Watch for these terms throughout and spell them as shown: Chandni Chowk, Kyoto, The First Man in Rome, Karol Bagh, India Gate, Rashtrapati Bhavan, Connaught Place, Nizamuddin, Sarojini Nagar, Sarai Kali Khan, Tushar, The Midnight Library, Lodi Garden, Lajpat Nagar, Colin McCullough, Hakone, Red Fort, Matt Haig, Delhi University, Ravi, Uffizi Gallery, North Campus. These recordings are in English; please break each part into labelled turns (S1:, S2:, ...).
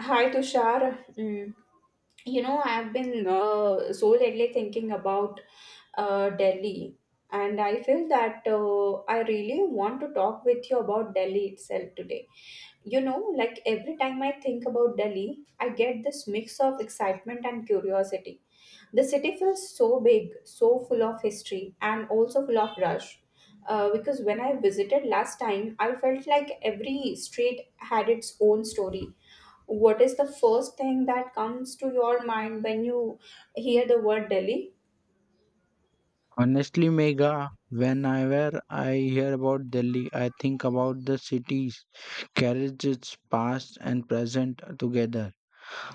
S1: Hi Tushar. Mm. You know, I've been so lately thinking about Delhi, and I feel that I really want to talk with you about Delhi itself today. Every time I think about Delhi, I get this mix of excitement and curiosity. The city feels so big, so full of history, and also full of rush. Because when I visited last time, I felt like every street had its own story. What is the first thing that comes to your mind when you hear the word Delhi?
S2: Honestly, Mega, whenever I hear about Delhi, I think about the city's carries its past and present together.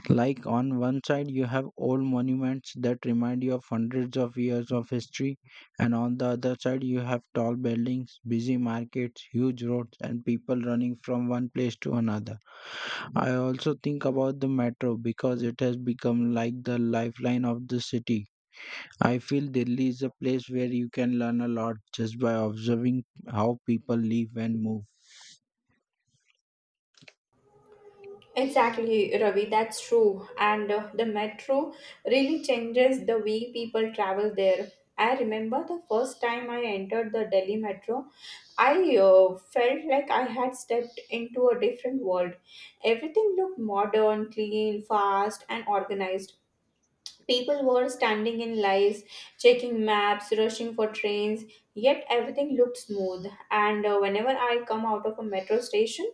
S2: Like on one side, you have old monuments that remind you of hundreds of years of history, and on the other side, you have tall buildings, busy markets, huge roads, and people running from one place to another. I also think about the metro because it has become like the lifeline of the city. I feel Delhi is a place where you can learn a lot just by observing how people live and move.
S1: Exactly, Ravi, that's true. And the metro really changes the way people travel there. I remember the first time I entered the Delhi metro, I felt like I had stepped into a different world. Everything looked modern, clean, fast, and organized. People were standing in lines, checking maps, rushing for trains, yet everything looked smooth. And whenever I come out of a metro station,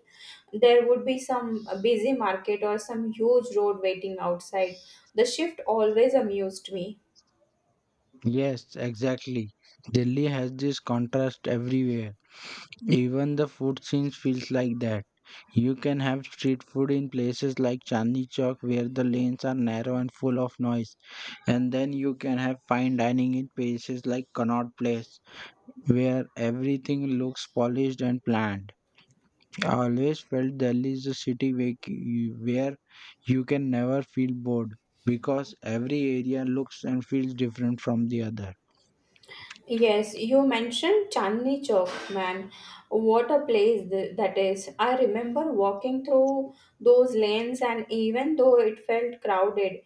S1: there would be some busy market or some huge road waiting outside. The shift always amused me.
S2: Yes, exactly. Delhi has this contrast everywhere. Even the food scene feels like that. You can have street food in places like Chandni Chowk where the lanes are narrow and full of noise. And then you can have fine dining in places like Connaught Place where everything looks polished and planned. I always felt Delhi is a city where you can never feel bored because every area looks and feels different from the other.
S1: Yes, you mentioned Chandni Chowk, man. What a place that is. I remember walking through those lanes, and even though it felt crowded,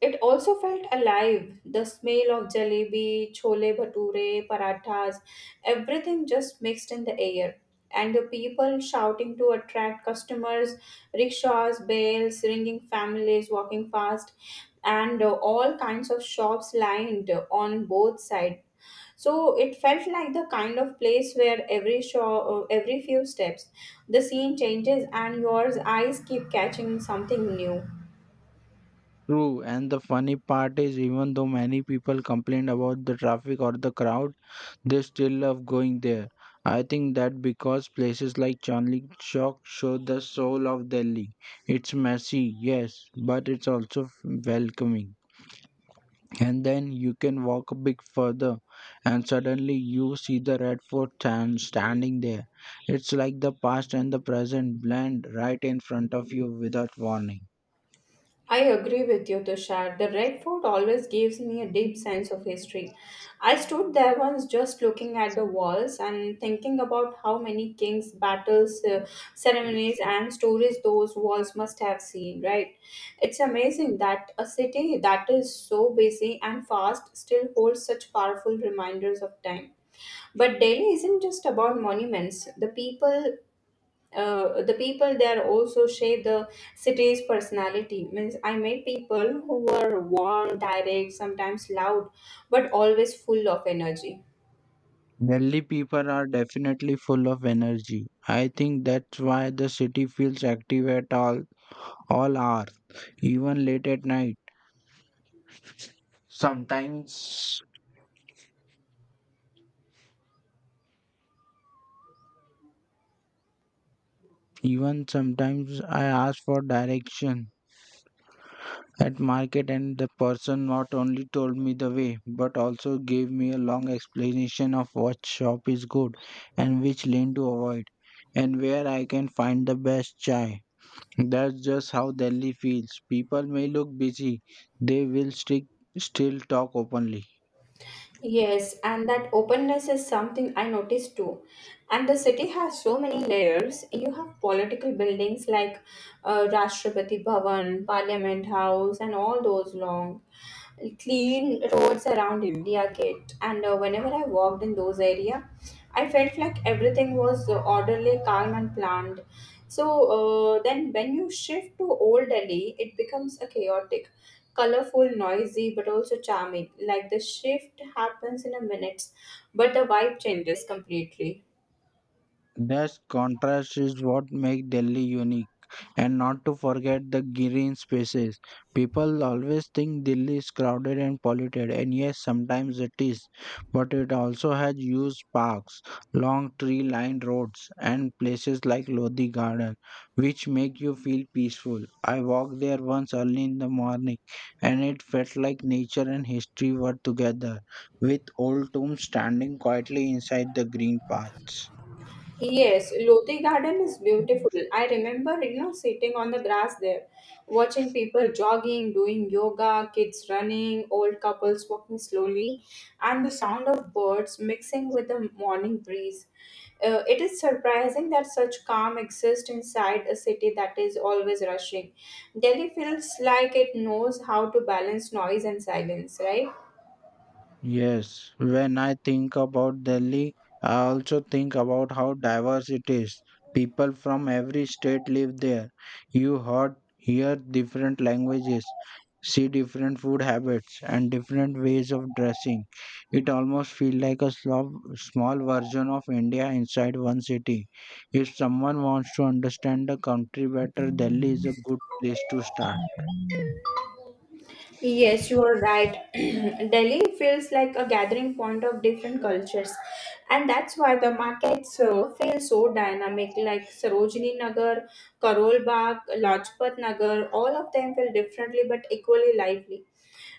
S1: it also felt alive. The smell of jalebi, chole bhature, parathas, everything just mixed in the air. And the people shouting to attract customers, rickshaws, bells, ringing families walking fast, and all kinds of shops lined on both sides. So it felt like the kind of place where every show, every few steps, the scene changes and your eyes keep catching something new.
S2: True, and the funny part is, even though many people complain about the traffic or the crowd, they still love going there. I think that because places like Chandni Chowk show the soul of Delhi. It's messy, yes, but it's also welcoming. And then you can walk a bit further and suddenly you see the Red Fort standing there. It's like the past and the present blend right in front of you without warning.
S1: I agree with you, Tushar. The Red Fort always gives me a deep sense of history. I stood there once just looking at the walls and thinking about how many kings, battles, ceremonies, and stories those walls must have seen, right? It's amazing that a city that is so busy and fast still holds such powerful reminders of time. But Delhi isn't just about monuments. The people there also shape the city's personality. Means I met people who were warm, direct, sometimes loud, but always full of energy.
S2: Delhi people are definitely full of energy. I think that's why the city feels active at all hours, even late at night. Sometimes even sometimes I ask for direction at market, and the person not only told me the way but also gave me a long explanation of what shop is good and which lane to avoid and where I can find the best chai. That's just how Delhi feels. People may look busy, they will stick, still talk openly.
S1: Yes, and that openness is something I noticed too. And the city has so many layers. You have political buildings like Rashtrapati Bhavan, Parliament House, and all those long clean roads around India Gate, and whenever I walked in those area, I felt like everything was orderly, calm, and planned. So then, when you shift to Old Delhi, it becomes a chaotic, colorful, noisy, but also charming. Like the shift happens in a minutes, but the vibe changes completely.
S2: That contrast is what makes Delhi unique. And not to forget the green spaces. People always think Delhi is crowded and polluted, and yes, sometimes it is. But it also has huge parks, long tree lined roads, and places like Lodi Garden, which make you feel peaceful. I walked there once early in the morning, and it felt like nature and history were together, with old tombs standing quietly inside the green paths.
S1: Yes, Lodi Garden is beautiful. I remember, sitting on the grass there, watching people jogging, doing yoga, kids running, old couples walking slowly, and the sound of birds mixing with the morning breeze. It is surprising that such calm exists inside a city that is always rushing. Delhi feels like it knows how to balance noise and silence, right?
S2: Yes, when I think about Delhi, I also think about how diverse it is. People from every state live there. You hear different languages, see different food habits, and different ways of dressing. It almost feels like a small version of India inside one city. If someone wants to understand the country better, Delhi is a good place to start.
S1: Yes, you are right. Delhi feels like a gathering point of different cultures, and that's why the markets feel so dynamic. Like Sarojini Nagar, Karol Bagh, Lajpat Nagar, all of them feel differently but equally lively.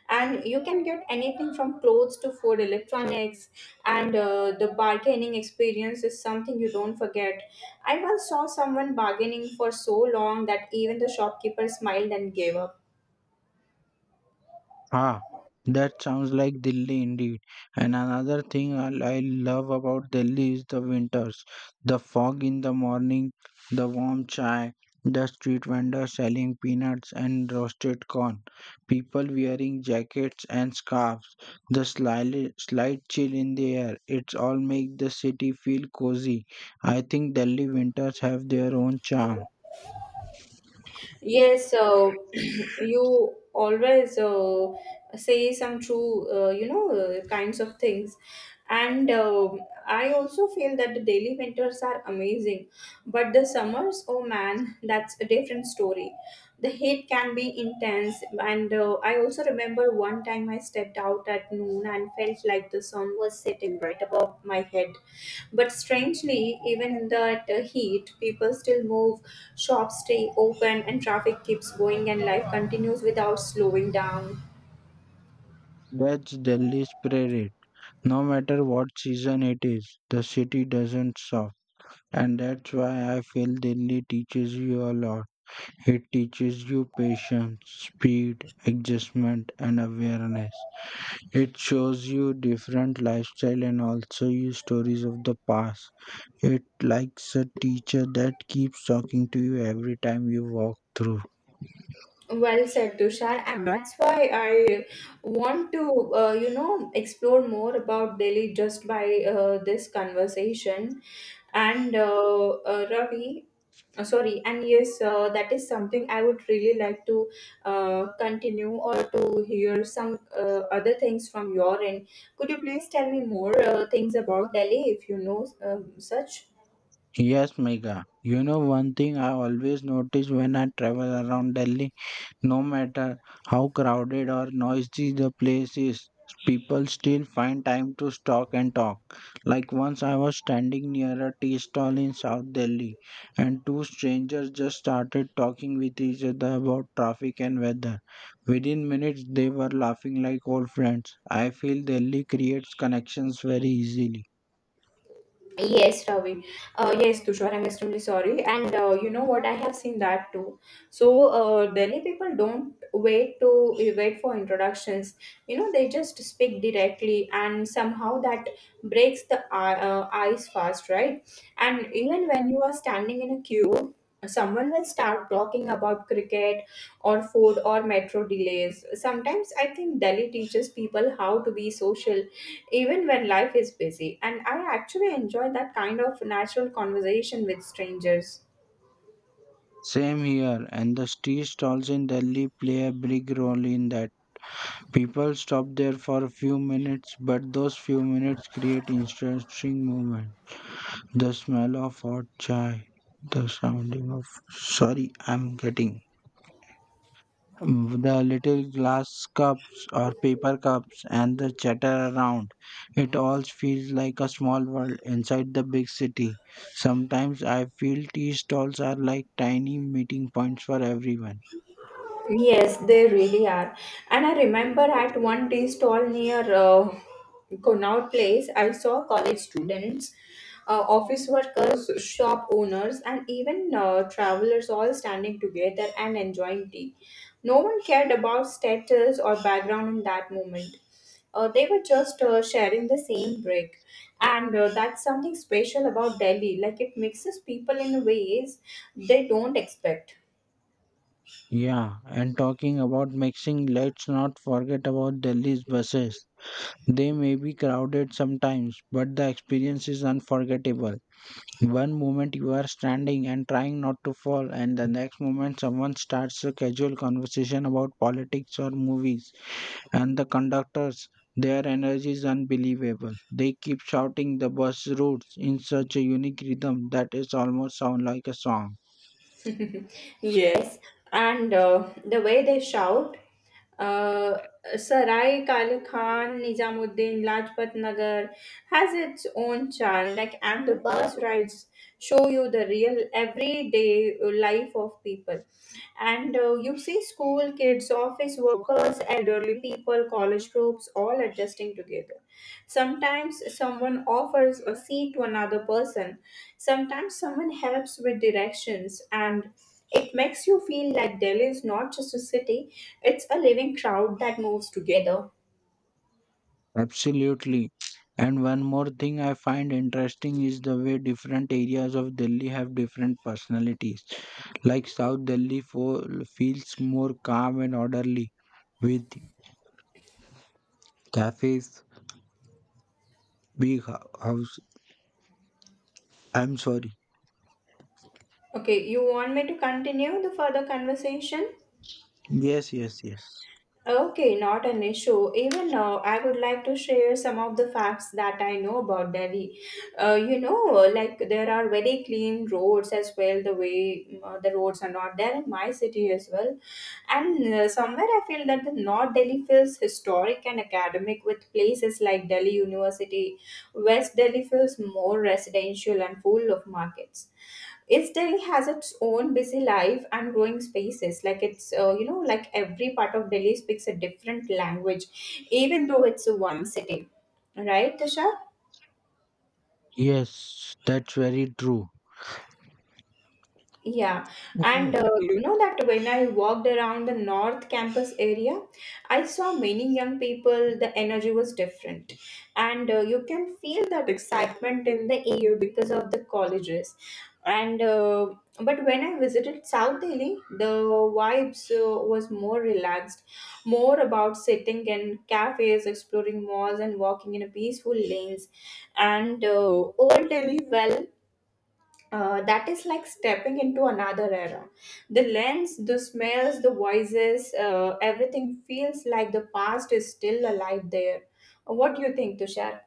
S1: And you can get anything from clothes to food, electronics, and the bargaining experience is something you don't forget. I once saw someone bargaining for so long that even the shopkeeper smiled and gave up.
S2: Ah, that sounds like Delhi indeed. And another thing I love about Delhi is the winters. The fog in the morning, the warm chai, the street vendors selling peanuts and roasted corn, people wearing jackets and scarves, the slight chill in the air. It's all make the city feel cozy. I think Delhi winters have their own charm.
S1: Yes, you always say some true, kinds of things. And I also feel that the daily winters are amazing, but the summers, oh man, that's a different story. The heat can be intense, and I also remember one time I stepped out at noon and felt like the sun was setting right above my head. But strangely, even in that heat, people still move, shops stay open, and traffic keeps going, and life continues without slowing down.
S2: That's Delhi spirit. No matter what season it is, the city doesn't stop. And that's why I feel Delhi teaches you a lot. It teaches you patience, speed, adjustment, and awareness. It shows you different lifestyle and also you stories of the past. It likes a teacher that keeps talking to you every time you walk through.
S1: Well said, Tushar, and that's why I want to, explore more about Delhi just by this conversation. And Ravi, sorry, and yes, that is something I would really like to continue or to hear some other things from your end. Could you please tell me more things about Delhi if you know such?
S2: Yes, Mega. You know one thing I always notice when I travel around Delhi? No matter how crowded or noisy the place is, people still find time to stop and talk. Like once I was standing near a tea stall in South Delhi, and two strangers just started talking with each other about traffic and weather. Within minutes, they were laughing like old friends. I feel Delhi creates connections very easily.
S1: Yes, Ravi. Yes, Tushar, I'm extremely sorry. And you know what? I have seen that too. So Delhi people don't wait for introductions. You know, they just speak directly, and somehow that breaks the ice fast, right? And even when you are standing in a queue, someone will start talking about cricket or food or metro delays. Sometimes I think Delhi teaches people how to be social even when life is busy. And I actually enjoy that kind of natural conversation with strangers.
S2: Same here, and the tea stalls in Delhi play a big role in that. People stop there for a few minutes, but those few minutes create interesting moment. The smell of hot chai, the sounding of sorry, I'm getting the little glass cups or paper cups and the chatter around. It all feels like a small world inside the big city. Sometimes I feel tea stalls are like tiny meeting points for everyone.
S1: Yes, they really are. And I remember at one tea stall near Connaught Place, I saw college students, office workers, shop owners, and even travelers all standing together and enjoying tea. No one cared about status or background in that moment. They were just sharing the same break. And that's something special about Delhi. Like it mixes people in ways they don't expect.
S2: Yeah, and talking about mixing, let's not forget about Delhi's buses. They may be crowded sometimes, but the experience is unforgettable. One moment you are standing and trying not to fall, and the next moment someone starts a casual conversation about politics or movies, and the conductors, their energy is unbelievable. They keep shouting the bus routes in such a unique rhythm that it almost sounds like a song.
S1: Yes, and the way they shout, uh, Sarai Kali Khan, Nizamuddin, Lajpat Nagar has its own charm. Like, and the bus rides show you the real everyday life of people. And you see schools kids, office workers, elderly people, college groups, all adjusting together. Sometimes someone offers a seat to another person. Sometimes someone helps with directions, and it makes you feel like Delhi is not just a city, it's a living crowd that moves together.
S2: Absolutely. And one more thing I find interesting is the way different areas of Delhi have different personalities. Like South Delhi feels more calm and orderly with cafes, house. I'm sorry.
S1: Okay, you want me to continue the further conversation?
S2: Yes, yes, yes.
S1: Okay, not an issue. Even now, I would like to share some of the facts that I know about Delhi. Uh, you know, like there are very clean roads as well, the way the roads are not there in my city as well. And somewhere I feel that the North Delhi feels historic and academic with places like Delhi University. West Delhi feels more residential and full of markets. East Delhi has its own busy life and growing spaces. Like it's, like every part of Delhi speaks a different language, even though it's one city. Right, Tasha?
S2: Yes, that's very true.
S1: Yeah, and you know that when I walked around the North Campus area, I saw many young people. The energy was different, and you can feel that excitement in the air because of the colleges. And but when I visited South Delhi, the vibes was more relaxed, more about sitting in cafes, exploring malls, and walking in a peaceful lanes. And Old Delhi, well, that is like stepping into another era. The lens, the smells, the voices, everything feels like the past is still alive there. What do you think, Tushar?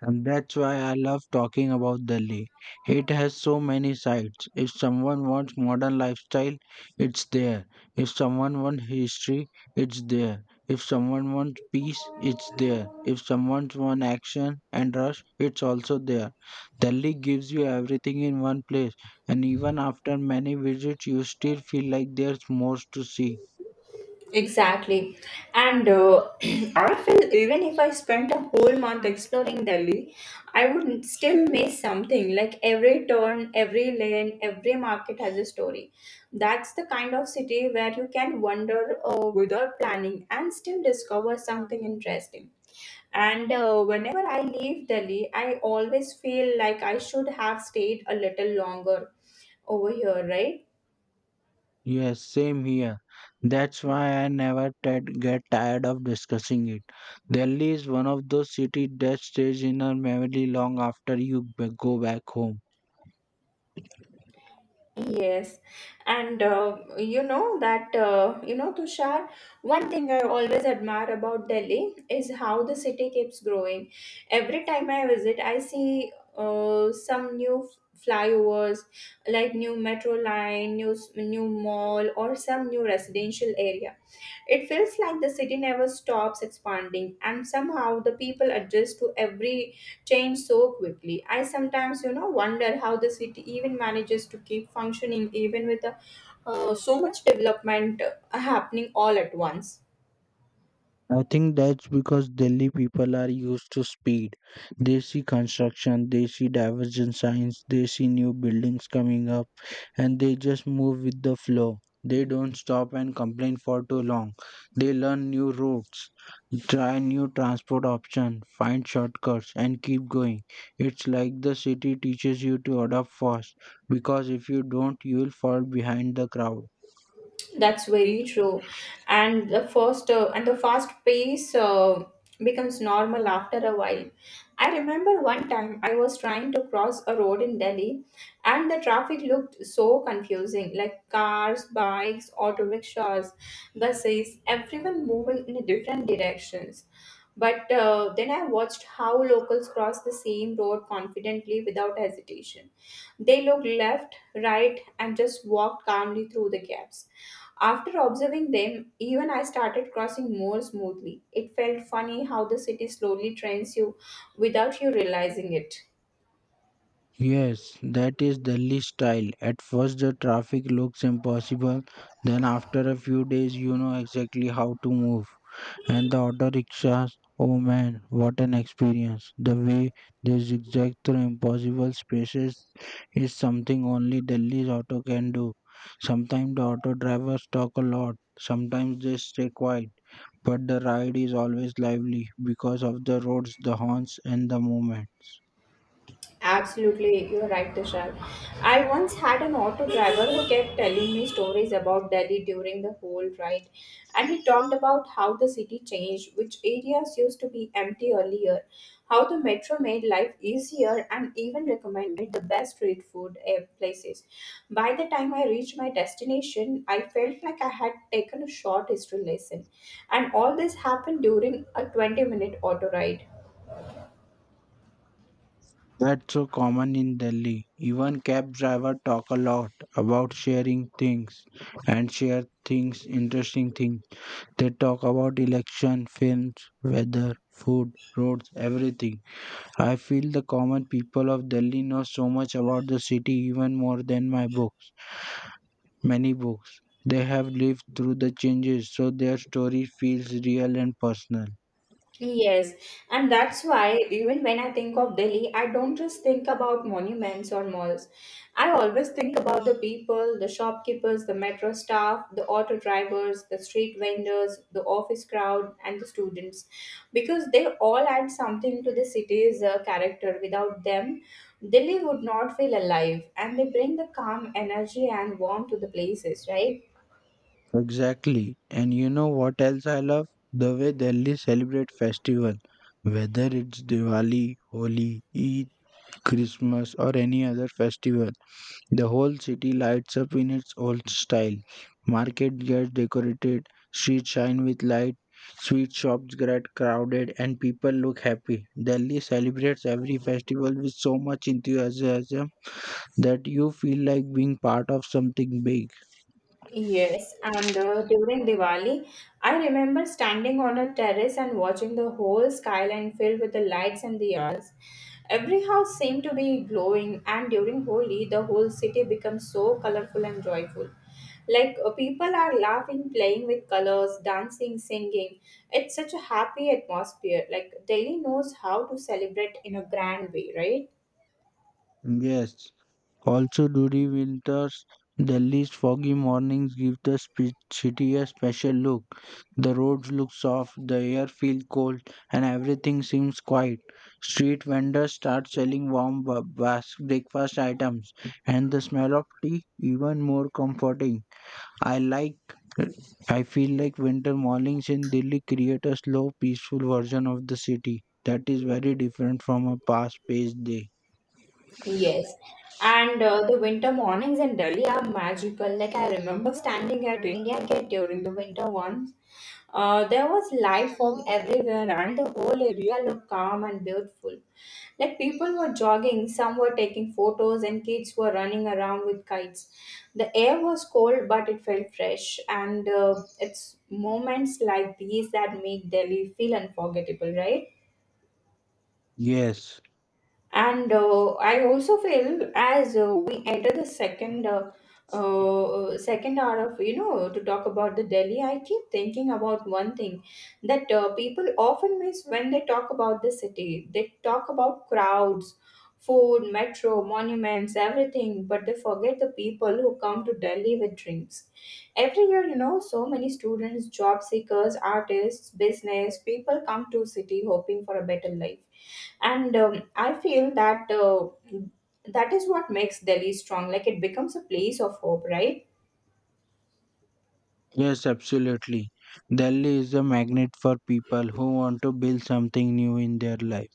S2: And that's why I love talking about Delhi. It has so many sides. If someone wants modern lifestyle, it's there. If someone wants history, it's there. If someone wants peace, it's there. If someone wants action and rush, it's also there. Delhi gives you everything in one place, and even after many visits, you still feel like there's more to see.
S1: Exactly. And I feel even if I spent a whole month exploring Delhi, I would still miss something. Like every turn, every lane, every market has a story. That's the kind of city where you can wander without planning and still discover something interesting. And whenever I leave Delhi, I always feel like I should have stayed a little longer over here, right?
S2: Yes, same here. That's why I never get tired of discussing it. Delhi is one of those cities that stays in our memory long after you go back home.
S1: Yes, and you know that you know Tushar. One thing I always admire about Delhi is how the city keeps growing. Every time I visit, I see some new flyovers, like new metro line, new mall, or some new residential area. It feels like the city never stops expanding, and somehow the people adjust to every change so quickly. I sometimes, you know, wonder how the city even manages to keep functioning even with so much development happening all at once.
S2: I think that's because Delhi people are used to speed. They see construction, they see divergent signs, they see new buildings coming up, and they just move with the flow. They don't stop and complain for too long. They learn new routes, try new transport options, find shortcuts, and keep going. It's like the city teaches you to adapt fast because if you don't, you'll fall behind the crowd.
S1: That's very true, and the fast pace becomes normal after a while. I remember one time I was trying to cross a road in Delhi, and the traffic looked so confusing, like cars, bikes, auto rickshaws, buses, everyone moving in different directions. But then I watched how locals cross the same road confidently without hesitation. They looked left, right, and just walked calmly through the gaps. After observing them, even I started crossing more smoothly. It felt funny how the city slowly trains you without you realizing it.
S2: Yes, that is Delhi style. At first, the traffic looks impossible. Then, after a few days, you know exactly how to move. And the auto rickshaws, oh man, what an experience. The way they zigzag through impossible spaces is something only Delhi's auto can do. Sometimes the auto drivers talk a lot, sometimes they stay quiet, but the ride is always lively because of the roads, the horns, and the movement.
S1: Absolutely, you're right, Tushar. I once had an auto driver who kept telling me stories about Delhi during the whole ride, and he talked about how the city changed, which areas used to be empty earlier, how the metro made life easier, and even recommended the best street food places. By the time I reached my destination, I felt like I had taken a short history lesson, and all this happened during a 20-minute minute auto ride.
S2: That's so common in Delhi. Even cab driver talk a lot about sharing things and share things, interesting things. They talk about election, films, weather, food, roads, everything. I feel the common people of Delhi know so much about the city even more than my books, many books. They have lived through the changes, so their story feels real and personal.
S1: Yes, and that's why even when I think of Delhi, I don't just think about monuments or malls. I always think about the people, the shopkeepers, the metro staff, the auto drivers, the street vendors, the office crowd, and the students, because they all add something to the city's character. Without them, Delhi would not feel alive, and they bring the calm energy and warmth to the places, right?
S2: Exactly. And you know what else I love? The way Delhi celebrate festival, whether it's Diwali, Holi, Eid, Christmas or any other festival. The whole city lights up in its old style. Market gets decorated, streets shine with light, sweet shops get crowded and people look happy. Delhi celebrates every festival with so much enthusiasm that you feel like being part of something big.
S1: Yes, and during Diwali, I remember standing on a terrace and watching the whole skyline filled with the lights and the diyas. Every house seemed to be glowing, and during Holi, the whole city becomes so colorful and joyful. People are laughing, playing with colors, dancing, singing. It's such a happy atmosphere. Like Delhi knows how to celebrate in a grand way, right?
S2: Yes. Also during winters, Delhi's foggy mornings give the city a special look. The roads look soft, the air feels cold, and everything seems quiet. Street vendors start selling warm breakfast items, and the smell of tea even more comforting. I like. I feel like winter mornings in Delhi create a slow, peaceful version of the city that is very different from a past-paced day.
S1: Yes, and the winter mornings in Delhi are magical. Like I remember standing at India Gate during the winter once. There was light fog everywhere, and the whole area looked calm and beautiful. Like people were jogging, some were taking photos, and kids were running around with kites. The air was cold, but it felt fresh, and it's moments like these that make Delhi feel unforgettable, right?
S2: Yes.
S1: And I also feel as we enter the second hour of you know to talk about the Delhi, I keep thinking about one thing that people often miss when they talk about the city. They talk about crowds, food, metro, monuments, everything, but they forget the people who come to Delhi with dreams. Every year, you know, so many students, job seekers, artists, business people come to city hoping for a better life and I feel that is what makes delhi strong like it becomes a place of hope right.
S2: Yes, absolutely. Delhi is a magnet for people who want to build something new in their life.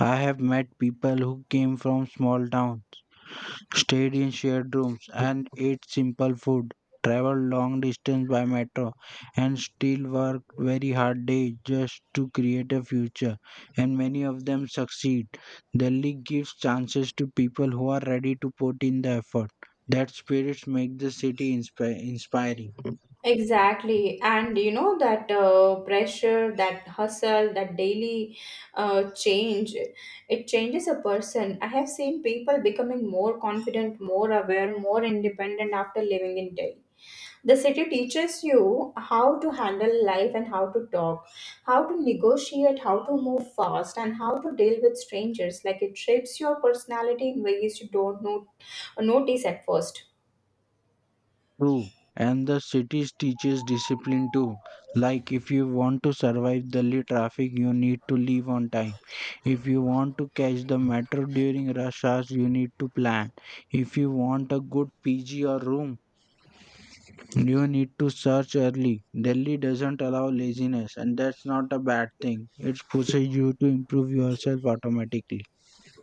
S2: I have met people who came from small towns, stayed in shared rooms, and ate simple food, traveled long distance by metro, and still worked very hard days just to create a future. And many of them succeed. Delhi gives chances to people who are ready to put in the effort. That spirits make the city inspiring.
S1: Exactly. And you know that pressure, that hustle, that daily change, it changes a person. I have seen people becoming more confident, more aware, more independent after living in Delhi. The city teaches you how to handle life and how to talk, how to negotiate, how to move fast, and how to deal with strangers. Like it shapes your personality in ways you don't know, notice at first.
S2: True. And the cities teaches discipline too. Like if you want to survive Delhi traffic, you need to leave on time. If you want to catch the metro during rush hours, you need to plan. If you want a good PG or room, you need to search early. Delhi doesn't allow laziness, and that's not a bad thing. It pushes you to improve yourself automatically.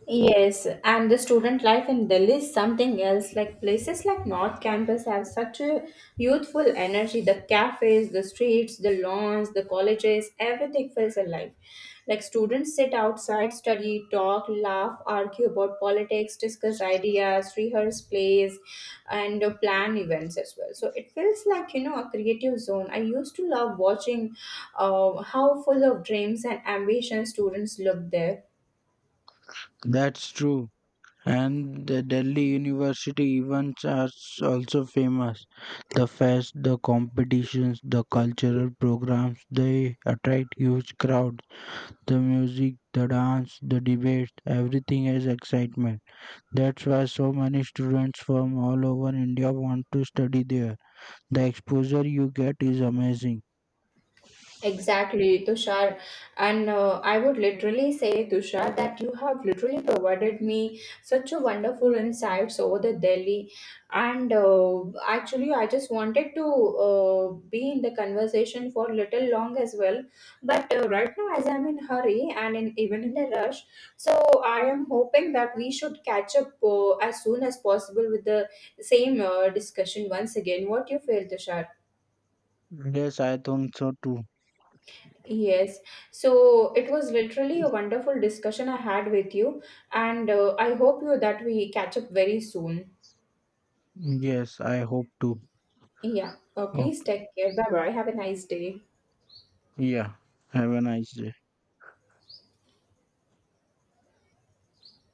S1: Yes, and the student life in Delhi is something else. Like places like North Campus have such a youthful energy. The cafes, the streets, the lawns, the colleges, everything feels alive. Like students sit outside, study, talk, laugh, argue about politics, discuss ideas, rehearse plays, and plan events as well. So it feels like you know a creative zone. I used to love watching how full of dreams and ambition students look there.
S2: That's true. And the Delhi University events are also famous. The fest, the competitions, the cultural programs, they attract huge crowds. The music, the dance, the debates, everything has excitement. That's why so many students from all over India want to study there. The exposure you get is amazing.
S1: Exactly, Tushar. And I would literally say, Tushar, that you have literally provided me such a wonderful insights over the Delhi. And actually, I just wanted to be in the conversation for little long as well. But right now, as I'm in hurry and in, even in a rush, so I am hoping that we should catch up as soon as possible with the same discussion once again. What do you feel, Tushar?
S2: Yes, I think so too.
S1: Yes. So it was literally a wonderful discussion I had with you, and I hope you that we catch up very soon.
S2: Yes, I hope to.
S1: Yeah. Please
S2: Okay.
S1: take care. Bye bye. Have a nice day.
S2: Yeah, have a nice day.